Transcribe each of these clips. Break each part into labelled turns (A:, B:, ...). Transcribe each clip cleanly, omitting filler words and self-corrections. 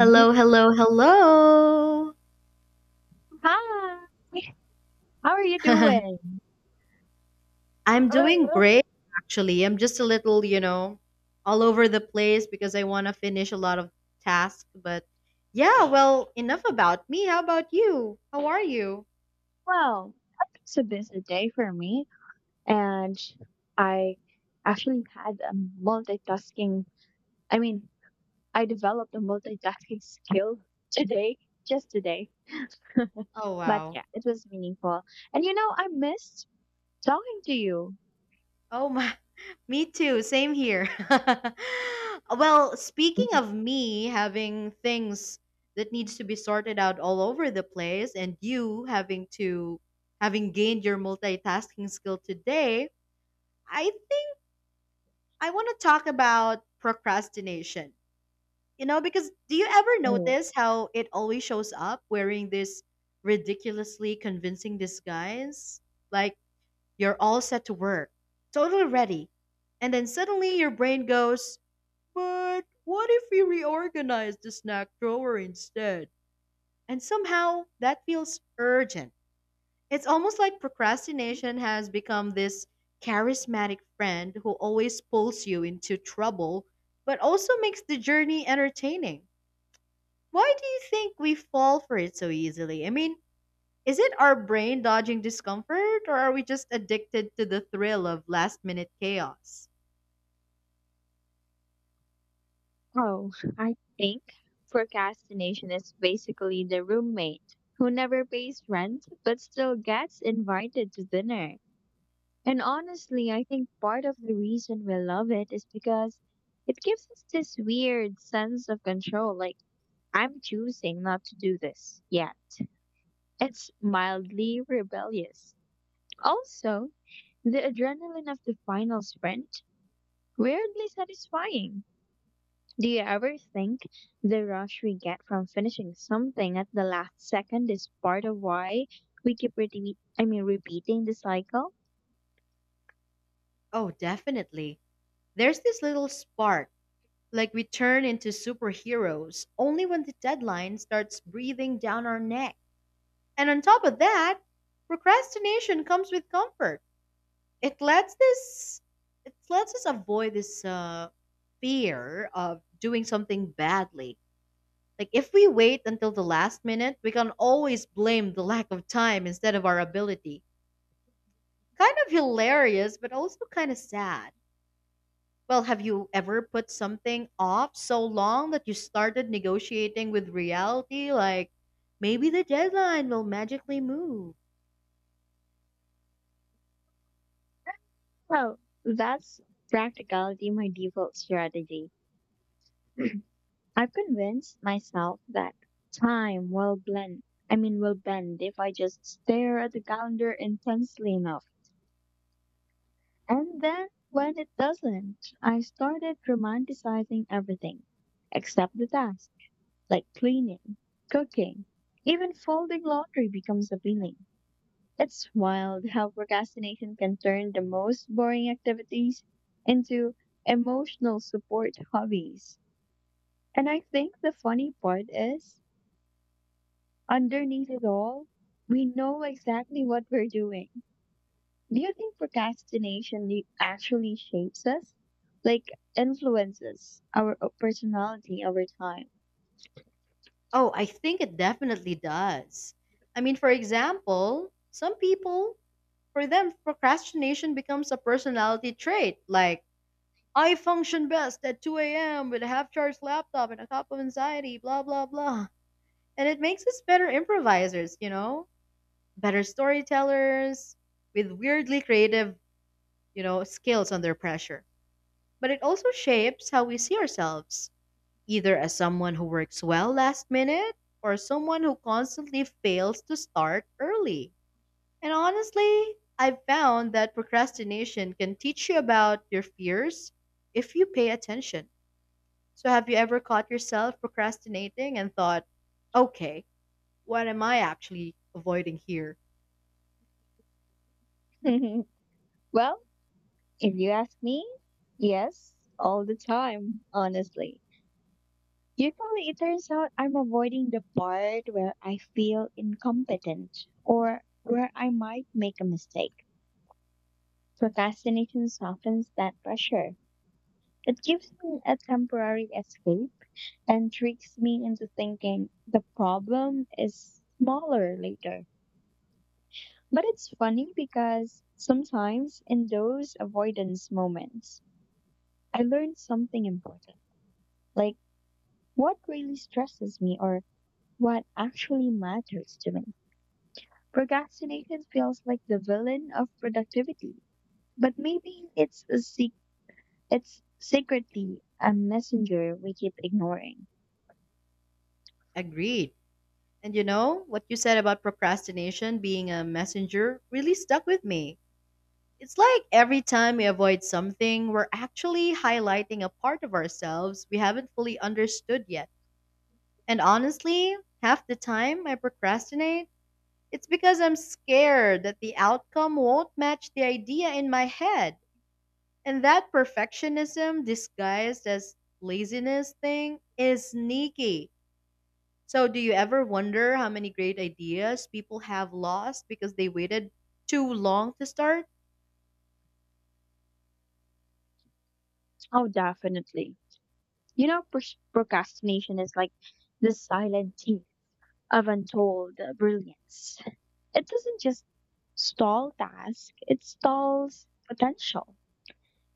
A: Hello, hello, hello.
B: Hi, how are you doing?
A: I'm doing
B: Uh,
A: great, actually. I'm just a little, all over the place because I want to finish a lot of tasks. But yeah, well, enough about me. How about you? How are you?
B: well, it's a busy day for me, and I actually had a multitasking. I mean, I developed a multitasking skill today, just today.
A: Oh,
B: But
A: wow.
B: yeah, it was meaningful. And you know, I missed talking to you.
A: Oh, my. Me too. Same here. Well, speaking of me having things that needs to be sorted out all over the place and you having gained your multitasking skill today, I think I want to talk about procrastination. You know, because do you ever
B: Mhm.
A: notice how it always shows up wearing this ridiculously convincing disguise? Like, you're all set to work, totally ready. And then suddenly your brain goes, but what if we reorganize the snack drawer instead? And somehow that feels urgent. It's almost like procrastination has become this charismatic friend who always pulls you into trouble, but also makes the journey entertaining. Why do you think we fall for it so easily? I mean, is it our brain dodging discomfort, or are we just addicted to the thrill of last minute chaos?
B: Oh, I think procrastination is basically the roommate who never pays rent but still gets invited to dinner. And honestly, I think part of the reason we love it is because it gives us this weird sense of control. Like, I'm choosing not to do this yet. It's mildly rebellious. Also, the adrenaline of the final sprint, weirdly satisfying. Do you ever think the rush we get from finishing something at the last second is part of why we keep repeating the cycle?
A: Oh, definitely. There's this little spark, like we turn into superheroes only when the deadline starts breathing down our neck. And on top of that, procrastination comes with comfort. It lets this it lets us avoid this fear of doing something badly. Like, if we wait until the last minute, we can always blame the lack of time instead of our ability. Kind of hilarious, but also kind of sad. Well, have you ever put something off so long that you started negotiating with reality, like maybe the deadline will magically move?
B: Well, that's practicality my default strategy. I've convinced myself that time will bend if I just stare at the calendar intensely enough. And then when it doesn't, I started romanticizing everything except the task. Like cleaning, cooking, even folding laundry becomes appealing. It's wild how procrastination can turn the most boring activities into emotional support hobbies. And I think the funny part is, underneath it all, we know exactly what we're doing. Do you think procrastination actually shapes us? Like, influences our personality over time?
A: Oh, I think it definitely does. I mean, for example, some people, for them, procrastination becomes a personality trait. Like, I function best at 2 a.m. with a half charged laptop and a cup of anxiety, blah, blah, blah. And it makes us better improvisers, you know? Better storytellers with weirdly creative, skills under pressure. But it also shapes how we see ourselves either as someone who works well last minute or someone who constantly fails to start early. And honestly, I've found that procrastination can teach you about your fears if you pay attention. So, have you ever caught yourself procrastinating and thought, okay, what am I actually avoiding here?
B: Well, if you ask me, yes, all the time, honestly. Usually it turns out I'm avoiding the part where I feel incompetent or where I might make a mistake. Procrastination softens that pressure. It gives me a temporary escape and tricks me into thinking the problem is smaller later. But it's funny because sometimes in those avoidance moments, I learn something important. Like, what really stresses me or what actually matters to me. Procrastination feels like the villain of productivity, but maybe it's secretly a messenger we keep ignoring.
A: Agreed. And you know, what you said about procrastination being a messenger really stuck with me. It's like every time we avoid something, we're actually highlighting a part of ourselves we haven't fully understood yet. And honestly, half the time I procrastinate, it's because I'm scared that the outcome won't match the idea in my head. And that perfectionism disguised as laziness thing is sneaky. So, do you ever wonder how many great ideas people have lost because they waited too long to start?
B: Oh, definitely. You know, procrastination is like the silent thief of untold brilliance. It doesn't just stall tasks, it stalls potential.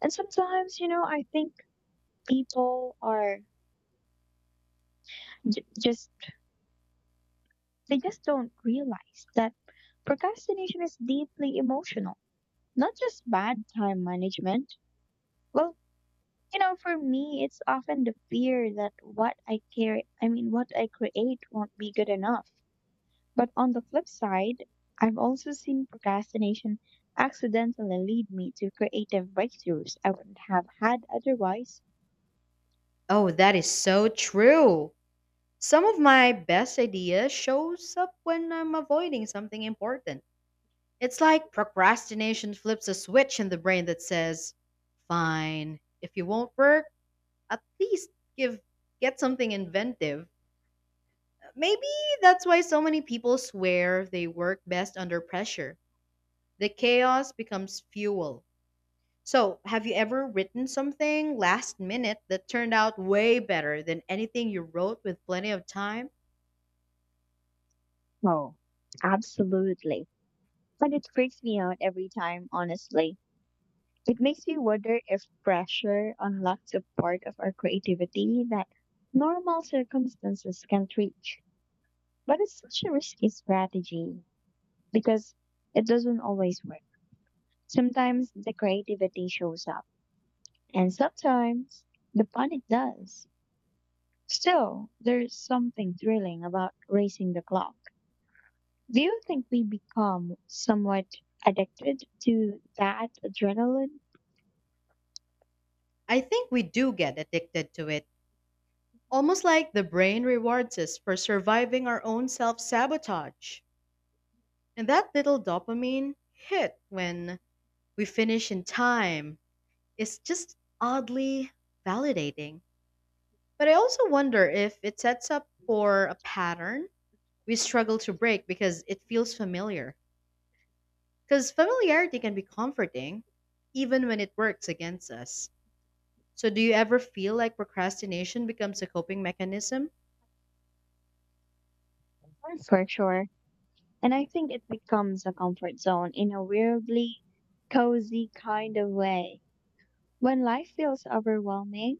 B: And sometimes, you know, I think people are j- just, they just don't realize that procrastination is deeply emotional, not just bad time management. Well, you know, for me, it's often the fear that what I care, I mean, what I create won't be good enough. But on the flip side, I've also seen procrastination accidentally lead me to creative breakthroughs I wouldn't have had otherwise.
A: Oh, that is so true. Some of my best ideas shows up when I'm avoiding something important. It's like procrastination flips a switch in the brain that says, "Fine, if you won't work, at least give get something inventive." Maybe that's why so many people swear they work best under pressure. The chaos becomes fuel. So, have you ever written something last minute that turned out way better than anything you wrote with plenty of time?
B: Oh, absolutely. And it freaks me out every time, honestly. It makes me wonder if pressure unlocks a part of our creativity that normal circumstances can't reach. But it's such a risky strategy because it doesn't always work. Sometimes the creativity shows up. And sometimes the panic does. Still, there's something thrilling about racing the clock. Do you think we become somewhat addicted to that adrenaline?
A: I think we do get addicted to it, almost like the brain rewards us for surviving our own self sabotage. And that little dopamine hit when we finish in time is just oddly validating. But I also wonder if it sets up for a pattern we struggle to break because it feels familiar. Because familiarity can be comforting, even when it works against us. So, do you ever feel like procrastination becomes a coping mechanism?
B: For sure. And I think it becomes a comfort zone in a weirdly cozy kind of way. When life feels overwhelming,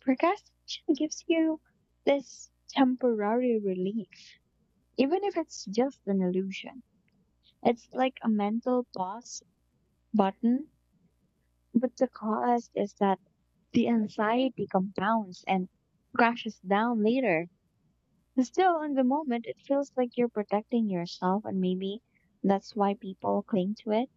B: procrastination gives you this temporary relief, even if it's just an illusion. It's like a mental pause button, but the cost is that the anxiety compounds and crashes down later. Still, in the moment, it feels like you're protecting yourself, and maybe that's why people cling to it.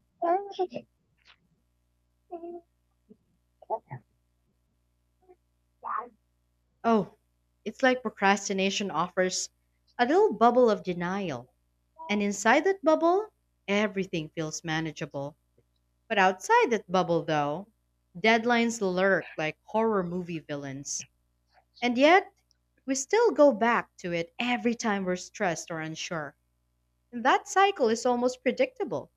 A: Oh, it's like procrastination offers a little bubble of denial. And inside that bubble, everything feels manageable. But outside that bubble, though, deadlines lurk like horror movie villains. And yet, we still go back to it every time we're stressed or unsure. And that cycle is almost predictable.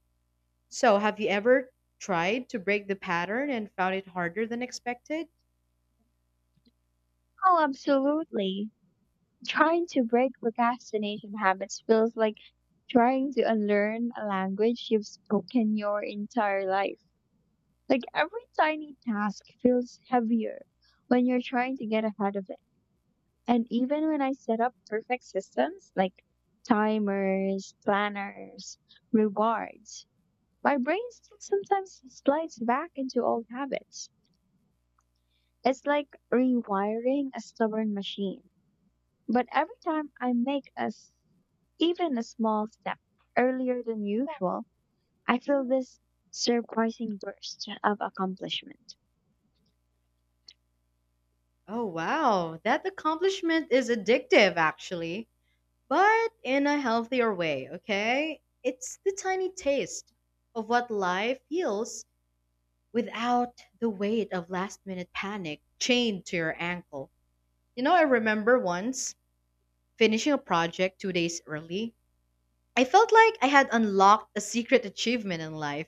A: So, have you ever tried to break the pattern and found it harder than expected?
B: Oh, absolutely. Trying to break procrastination habits feels like trying to unlearn a language you've spoken your entire life. Like every tiny task feels heavier when you're trying to get ahead of it. And even when I set up perfect systems like timers, planners, rewards, my brain still sometimes slides back into old habits. It's like rewiring a stubborn machine. But every time I even a small step earlier than usual, I feel this surprising burst of accomplishment.
A: Oh, wow. That accomplishment is addictive, actually, but in a healthier way, okay? It's the tiny taste of what life heals without the weight of last minute panic chained to your ankle. You know, I remember once finishing a project 2 days early. I felt like I had unlocked a secret achievement in life.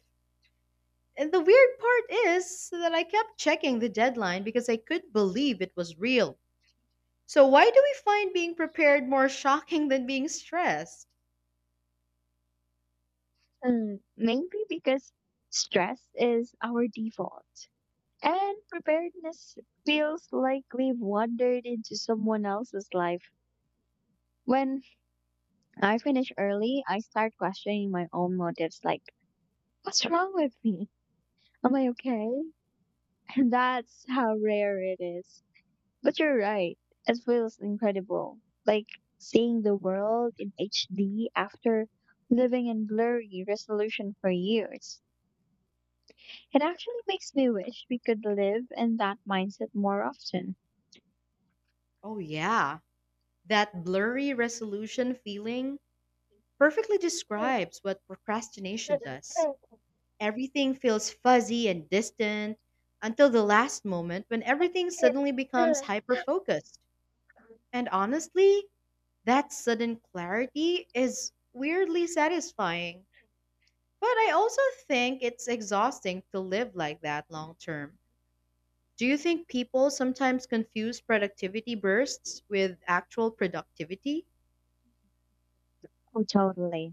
A: And the weird part is that I kept checking the deadline because I couldn't believe it was real. So, why do we find being prepared more shocking than being stressed?
B: Hmm, maybe because stress is our default, and preparedness feels like we've wandered into someone else's life. When I finish early, I start questioning my own motives like, what's wrong with me? Am I okay? And that's how rare it is. But you're right. It feels incredible. Like seeing the world in HD after living in blurry resolution for years. It actually makes me wish we could live in that mindset more often.
A: Oh, yeah. That blurry resolution feeling perfectly describes what procrastination does. Everything feels fuzzy and distant until the last moment when everything
B: Yeah.
A: suddenly becomes hyper focused. And honestly, that sudden clarity is weirdly satisfying. But I also think it's exhausting to live like that long term. Do you think people sometimes confuse productivity bursts with actual productivity?
B: Oh, totally.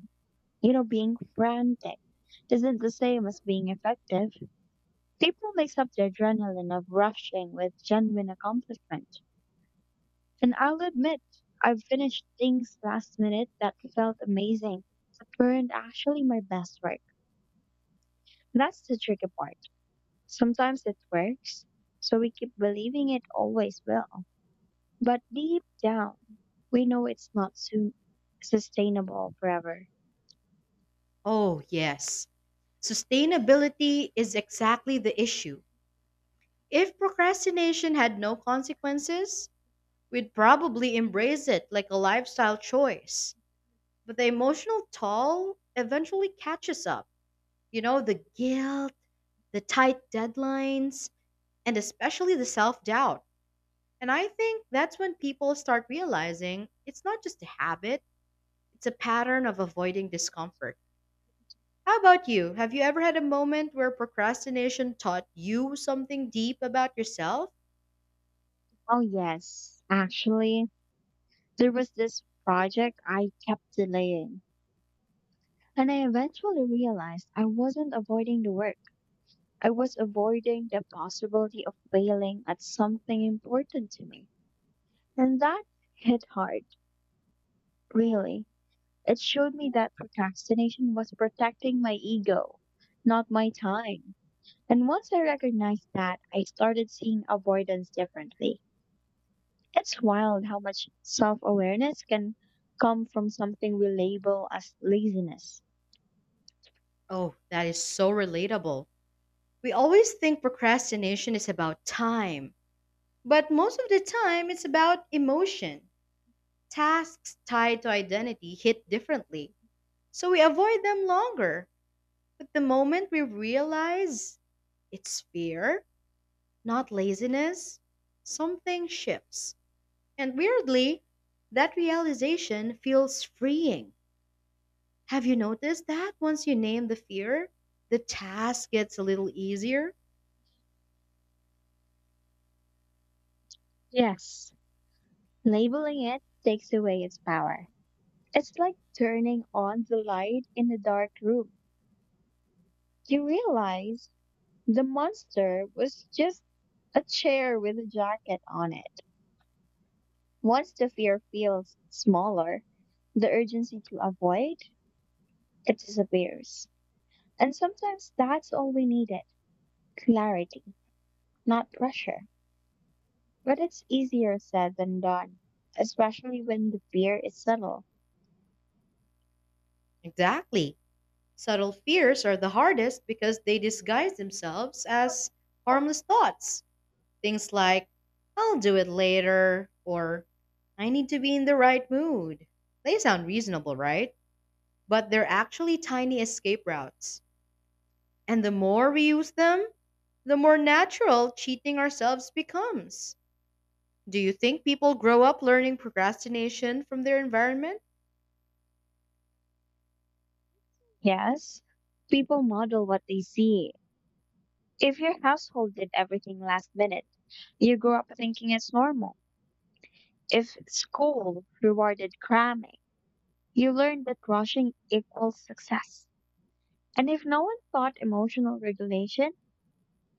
B: You know, being frantic isn't the same as being effective. People mix up the adrenaline of rushing with genuine accomplishment. And I'll admit, I've finished things last minute that felt amazing, but weren't actually my best work. That's the tricky part. Sometimes it works, so we keep believing it always will. But deep down, we know it's not sustainable forever.
A: Oh, yes. Sustainability is exactly the issue. If procrastination had no consequences, we'd probably embrace it like a lifestyle choice. But the emotional toll eventually catches up. You know, the guilt, the tight deadlines, and especially the self doubt. And I think that's when people start realizing it's not just a habit, it's a pattern of avoiding discomfort. How about you? Have you ever had a moment where procrastination taught you something deep about yourself?
B: Oh, yes. Actually, there was this project I kept delaying, and I eventually realized I wasn't avoiding the work. I was avoiding the possibility of failing at something important to me. And that hit hard, really. It showed me that procrastination was protecting my ego, not my time. And once I recognized that, I started seeing avoidance differently. It's wild how much self awareness can come from something we label as laziness.
A: Oh, that is so relatable. We always think procrastination is about time, but most of the time it's about emotion. Tasks tied to identity hit differently, so we avoid them longer. But the moment we realize it's fear, not laziness, something shifts. And weirdly, that realization feels freeing. Have you noticed that once you name the fear, the task gets a little easier?
B: Yes, labeling it takes away its power. It's like turning on the light in a dark room. You realize the monster was just a chair with a jacket on it. Once the fear feels smaller, the urgency to avoid it disappears. And sometimes that's all we needed, clarity, not pressure. But it's easier said than done, especially when the fear is subtle.
A: Exactly. Subtle fears are the hardest because they disguise themselves as harmless thoughts. Things like, I'll do it later, or I need to be in the right mood. They sound reasonable, right? But they're actually tiny escape routes. And the more we use them, the more natural cheating ourselves becomes. Do you think people grow up learning procrastination from their environment?
B: Yes, people model what they see. If your household did everything last minute, you grew up thinking it's normal. If school rewarded cramming, you learned that rushing equals success. And if no one taught emotional regulation,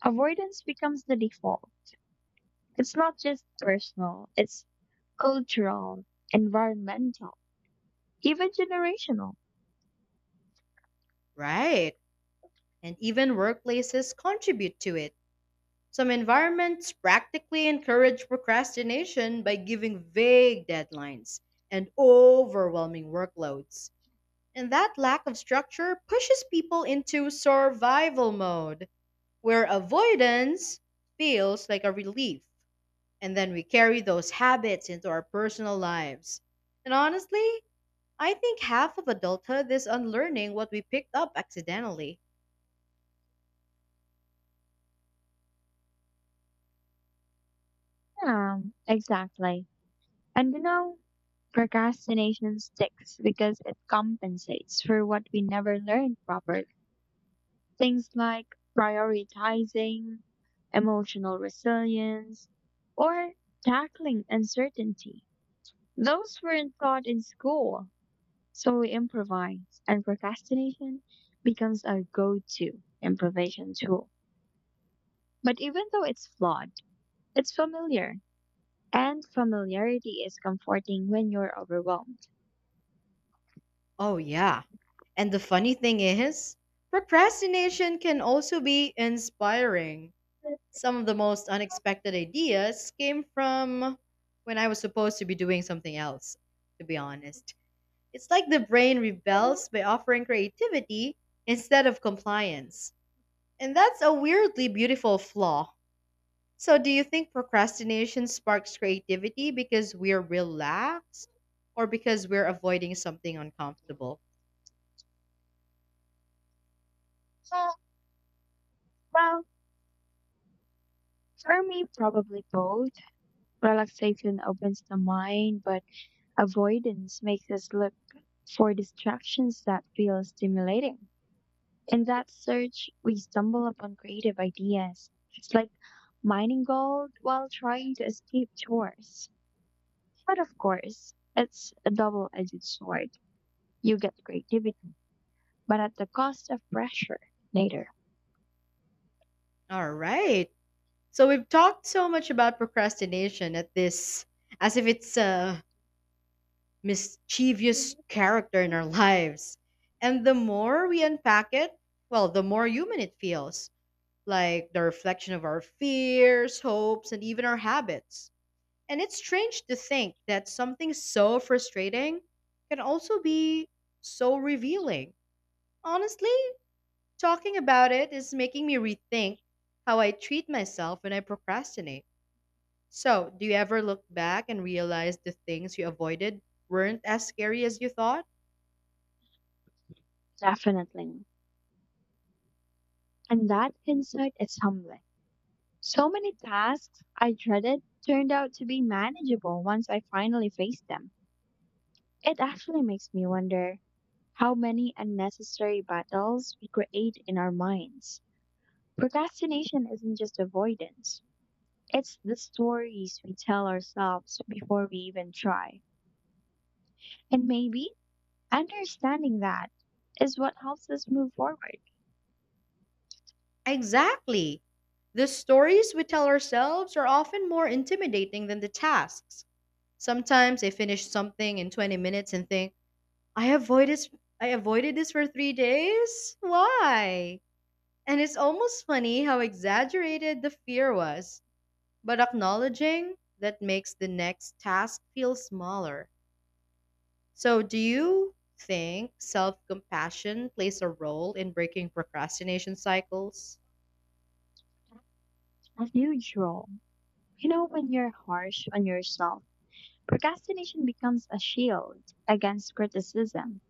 B: avoidance becomes the default. It's not just personal, it's cultural, environmental, even generational.
A: Right. And even workplaces contribute to it. Some environments practically encourage procrastination by giving vague deadlines and overwhelming workloads. And that lack of structure pushes people into survival mode, where avoidance feels like a relief. And then we carry those habits into our personal lives. And honestly, I think half of adulthood is unlearning what we picked up accidentally.
B: Exactly. And you know, procrastination sticks because it compensates for what we never learned properly. Things like prioritizing emotional resilience or tackling uncertainty. Those weren't taught in school. So we improvise, and procrastination becomes our go to improvisation tool. But even though it's flawed, it's familiar, and familiarity is comforting when you're overwhelmed.
A: Oh, yeah. And the funny thing is, procrastination can also be inspiring. Some of the most unexpected ideas came from when I was supposed to be doing something else, to be honest. It's like the brain rebels by offering creativity instead of compliance. And that's a weirdly beautiful flaw. So, do you think procrastination sparks creativity because we're relaxed or because we're avoiding something uncomfortable?
B: Well, for me, probably both. Relaxation opens the mind, but avoidance makes us look for distractions that feel stimulating. In that search, we stumble upon creative ideas. It's like mining gold while trying to escape chores. But of course, it's a double edged sword. You get creativity, but at the cost of pressure later.
A: All right. So, we've talked so much about procrastination at this as if it's a mischievous character in our lives. And the more we unpack it, well, the more human it feels, like the reflection of our fears, hopes, and even our habits. And it's strange to think that something so frustrating can also be so revealing. Honestly, talking about it is making me rethink how I treat myself when I procrastinate. So, do you ever look back and realize the things you avoided weren't as scary as you thought?
B: Definitely. And that insight is humbling. So many tasks I dreaded turned out to be manageable once I finally faced them. It actually makes me wonder how many unnecessary battles we create in our minds. Procrastination isn't just avoidance, it's the stories we tell ourselves before we even try. And maybe understanding that is what helps us move forward
A: Exactly. The stories we tell ourselves are often more intimidating than the tasks. Sometimes I finish something in 20 minutes and think, I avoided I avoided this for 3 days? Why? And it's almost funny how exaggerated the fear was, but acknowledging that makes the next task feel smaller. So, do you think self-compassion plays a role in breaking procrastination cycles?
B: as usual. You know, when you're harsh on yourself, procrastination becomes a shield against criticism.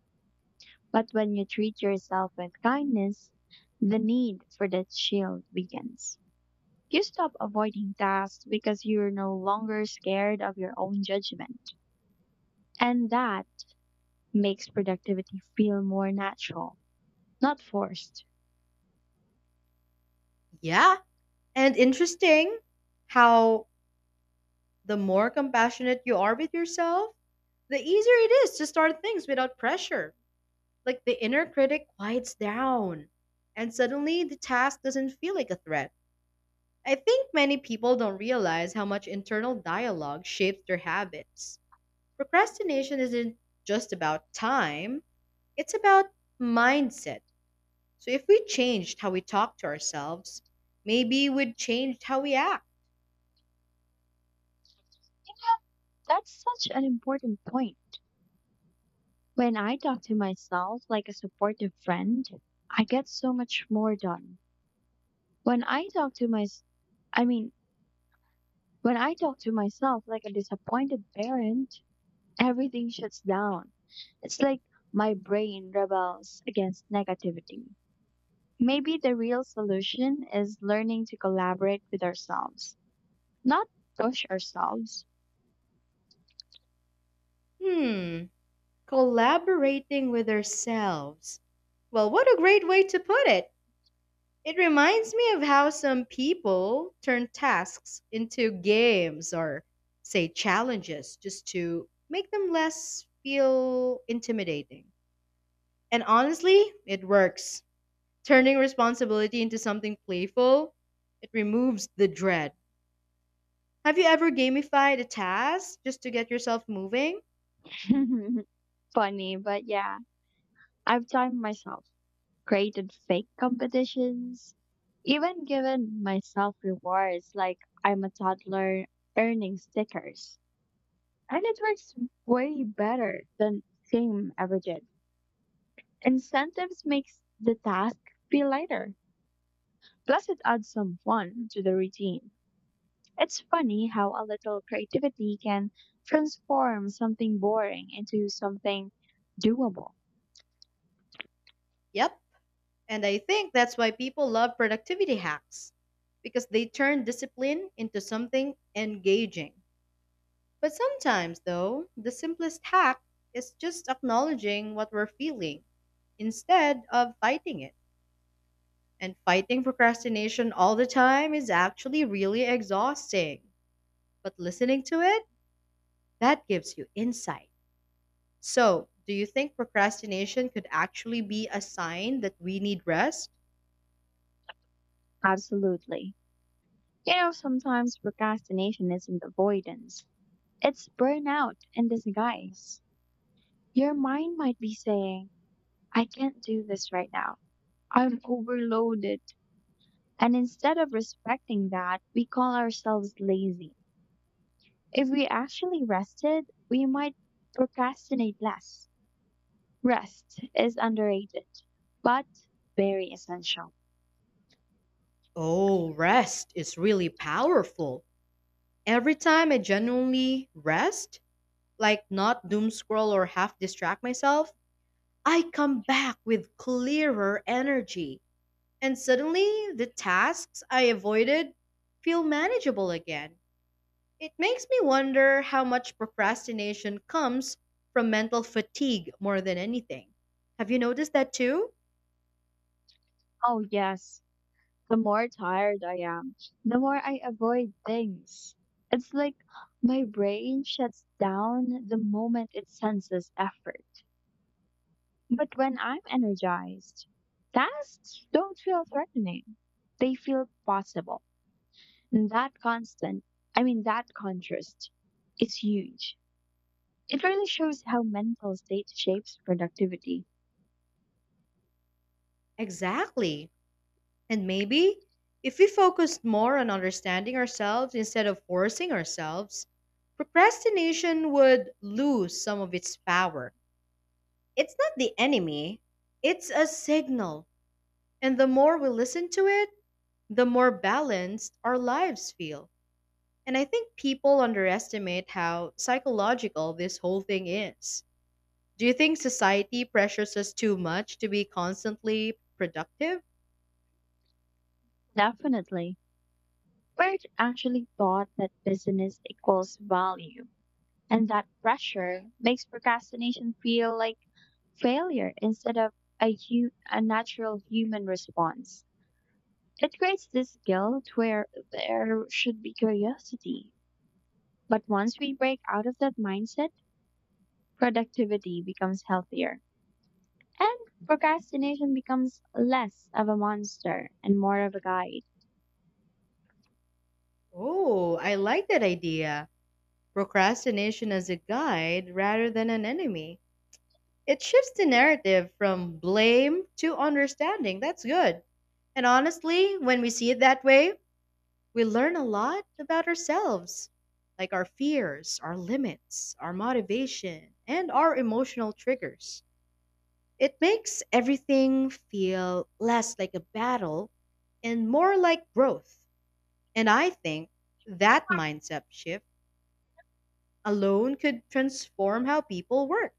B: But when you treat yourself with kindness, the need for that shield weakens. You stop avoiding tasks because you're no longer scared of your own judgment. And that makes productivity feel more natural, not forced.
A: Yeah. And interesting how the more compassionate you are with yourself, the easier it is to start things without pressure. Like, the inner critic quiets down, and suddenly the task doesn't feel like a threat. I think many people don't realize how much internal dialogue shapes their habits. Procrastination isn't just about time, it's about mindset. So, if we changed how we talk to ourselves, maybe we'd change how we act.
B: That's such an important point. When I talk to myself like a supportive friend, I get so much more done. When I talk to my, I mean, when I talk to myself like a disappointed parent, everything shuts down. It's like my brain rebels against negativity. Maybe the real solution is learning to collaborate with ourselves, not push ourselves.
A: Hmm, collaborating with ourselves. Well, what a great way to put it! It reminds me of how some people turn tasks into games or, say, challenges just to make them less feel intimidating. And honestly, it works. Turning responsibility into something playful, it removes the dread. Have you ever gamified a task just to get yourself moving?
B: Funny, but yeah, I've timed myself, created fake competitions, even given myself rewards like I'm a toddler earning stickers. And it works way better than fame ever did. Incentives makes the task feel lighter. Plus, it adds some fun to the routine. It's funny how a little creativity can transform something boring into something doable.
A: Yep. And I think that's why people love productivity hacks because they turn discipline into something engaging. But sometimes, though, the simplest hack is just acknowledging what we're feeling instead of fighting it. And fighting procrastination all the time is actually really exhausting. But listening to it, that gives you insight. So, do you think procrastination could actually be a sign that we need rest?
B: Absolutely. You know, sometimes procrastination isn't avoidance, it's burnout in disguise. Your mind might be saying, I can't do this right now. I'm overloaded. And instead of respecting that, we call ourselves lazy. If we actually rested, we might procrastinate less. Rest is underrated, but very essential.
A: Oh, rest is really powerful. Every time I genuinely rest, like not doom scroll or half distract myself, I come back with clearer energy, and suddenly the tasks I avoided feel manageable again. It makes me wonder how much procrastination comes from mental fatigue more than anything. Have you noticed that too?
B: Oh, yes. The more tired I am, the more I avoid things. It's like my brain shuts down the moment it senses effort. But when I'm energized, tasks don't feel threatening. They feel possible. And that constant, I mean, that contrast is huge. It really shows how mental state shapes productivity.
A: Exactly. And maybe if we focused more on understanding ourselves instead of forcing ourselves, procrastination would lose some of its power. It's not the enemy, it's a signal. And the more we listen to it, the more balanced our lives feel. And I think people underestimate how psychological this whole thing is. Do you think society pressures us too much to be constantly productive?
B: Definitely. Bird actually thought that business equals value, and that pressure makes procrastination feel like failure instead of a natural human response. It creates this guilt where there should be curiosity. But once we break out of that mindset, productivity becomes healthier. And procrastination becomes less of a monster and more of a guide.
A: Oh, I like that idea. Procrastination as a guide rather than an enemy. It shifts the narrative from blame to understanding. That's good. And honestly, when we see it that way, we learn a lot about ourselves, like our fears, our limits, our motivation, and our emotional triggers. It makes everything feel less like a battle and more like growth. And I think that mindset shift alone could transform how people work.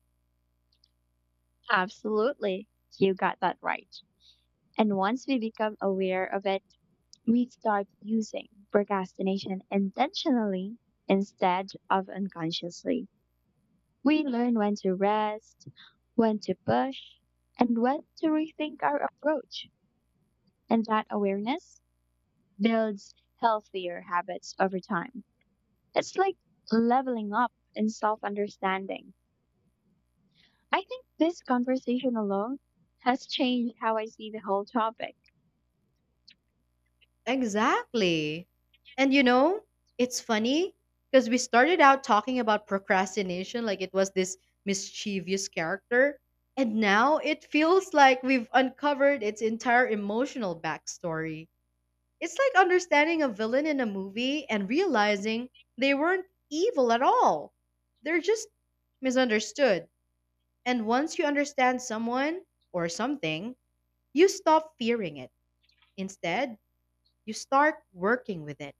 B: Absolutely. You got that right. And once we become aware of it, we start using procrastination intentionally instead of unconsciously. We learn when to rest, when to push, and when to rethink our approach. And that awareness builds healthier habits over time. It's like leveling up in self understanding. I think this conversation alone has changed how I see the whole topic.
A: Exactly. And you know, it's funny because we started out talking about procrastination like it was this mischievous character. And now it feels like we've uncovered its entire emotional backstory. It's like understanding a villain in a movie and realizing they weren't evil at all. They're just misunderstood. And once you understand someone or something, you stop fearing it. Instead, you start working with it.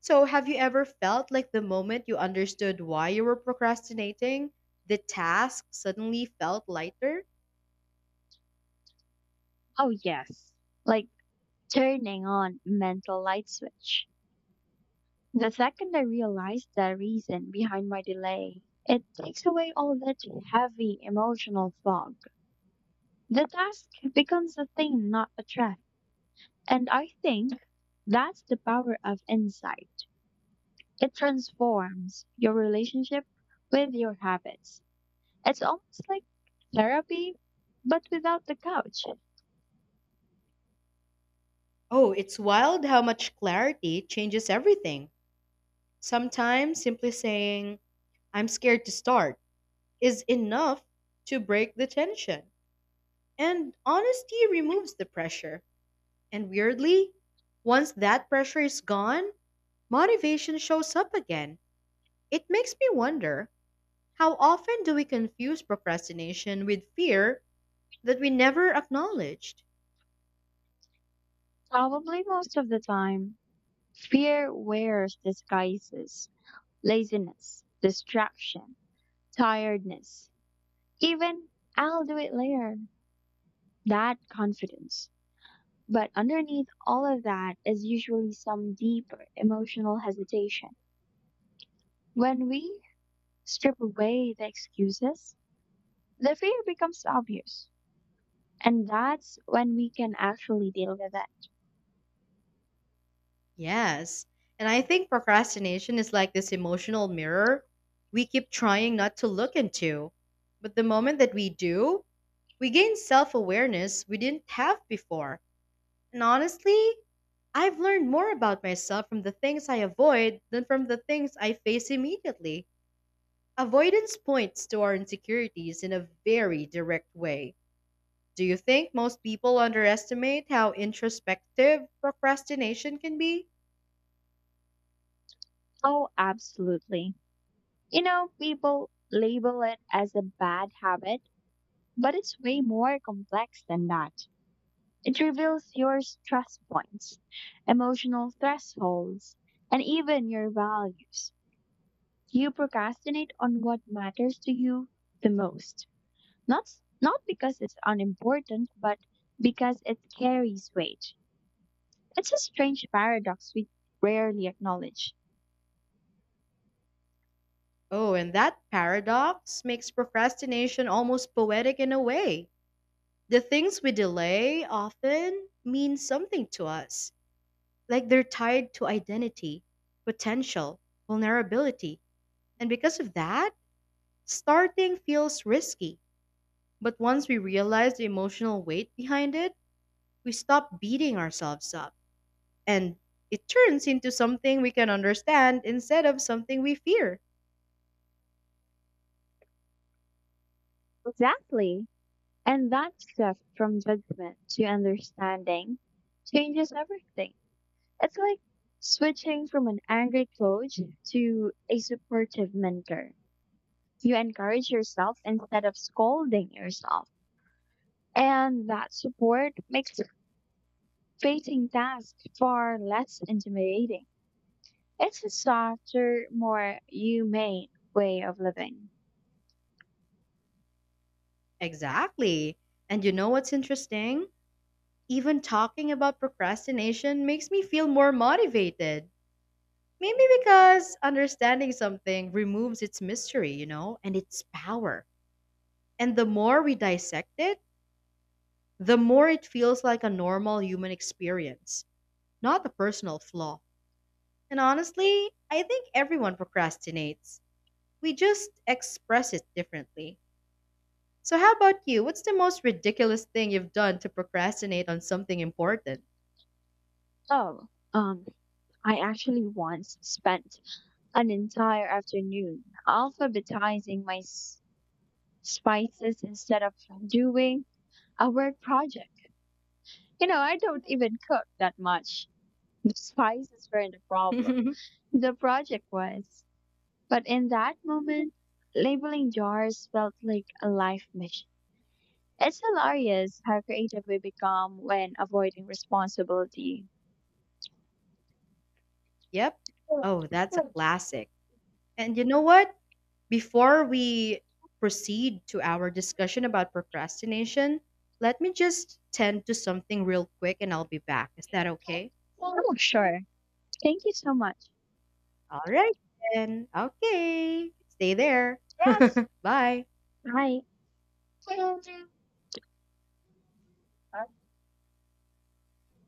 A: So, have you ever felt like the moment you understood why you were procrastinating, the task suddenly felt lighter?
B: Oh, yes. Like turning on mental light switch. The second I realized the reason behind my delay, it takes away all that heavy emotional fog. The task becomes a thing, not a threat. And I think that's the power of insight. It transforms your relationship with your habits. It's almost like therapy, but without the couch.
A: Oh, it's wild how much clarity changes everything. Sometimes simply saying, I'm scared to start, is enough to break the tension. And honesty removes the pressure. And weirdly, once that pressure is gone, motivation shows up again. It makes me wonder, how often do we confuse procrastination with fear that we never acknowledged.
B: Probably most of the time, fear wears disguises, laziness, distraction, tiredness. Even I'll do it later. That confidence. But underneath all of that is usually some deeper emotional hesitation. When we strip away the excuses, the fear becomes obvious. And that's when we can actually deal with it.
A: Yes. And I think procrastination is like this emotional mirror we keep trying not to look into. But the moment that we do, we gain self awareness we didn't have before. And honestly, I've learned more about myself from the things I avoid than from the things I face immediately. Avoidance points to our insecurities in a very direct way. Do you think most people underestimate how introspective procrastination can be?
B: Oh, absolutely. You know, people label it as a bad habit, but it's way more complex than that. It reveals your stress points, emotional thresholds, and even your values. You procrastinate on what matters to you the most. Not Not because it's unimportant, but because it carries weight. It's a strange paradox we rarely acknowledge.
A: Oh, and that paradox makes procrastination almost poetic in a way. The things we delay often mean something to us, like they're tied to identity, potential, vulnerability. And because of that, starting feels risky. But once we realize the emotional weight behind it, we stop beating ourselves up. And it turns into something we can understand instead of something we fear.
B: Exactly. And that shift from judgment to understanding changes everything. It's like switching from an angry coach to a supportive mentor. You encourage yourself instead of scolding yourself. And that support makes facing tasks far less intimidating. It's a softer, more humane way of living.
A: Exactly. And what's interesting? Even talking about procrastination makes me feel more motivated. Maybe because understanding something removes its mystery, and its power. And the more we dissect it, the more it feels like a normal human experience, not a personal flaw. And honestly, I think everyone procrastinates. We just express it differently. So, how about you? What's the most ridiculous thing you've done to procrastinate on something important?
B: Oh, um, I actually once spent an entire afternoon alphabetizing my spices instead of doing a work project. You know, I don't even cook that much. The spices weren't the problem. The project was. But in that moment, labeling jars felt like a life mission. It's hilarious how creative we become when avoiding responsibility.
A: Yep. Oh, that's a classic. And you know what? Before we proceed to our discussion about procrastination, let me just tend to something real quick and I'll be back. Is that okay?
B: Oh, sure. Thank you so much.
A: All right, then. Okay. Stay there.
B: Yes.
A: Bye.
B: Bye.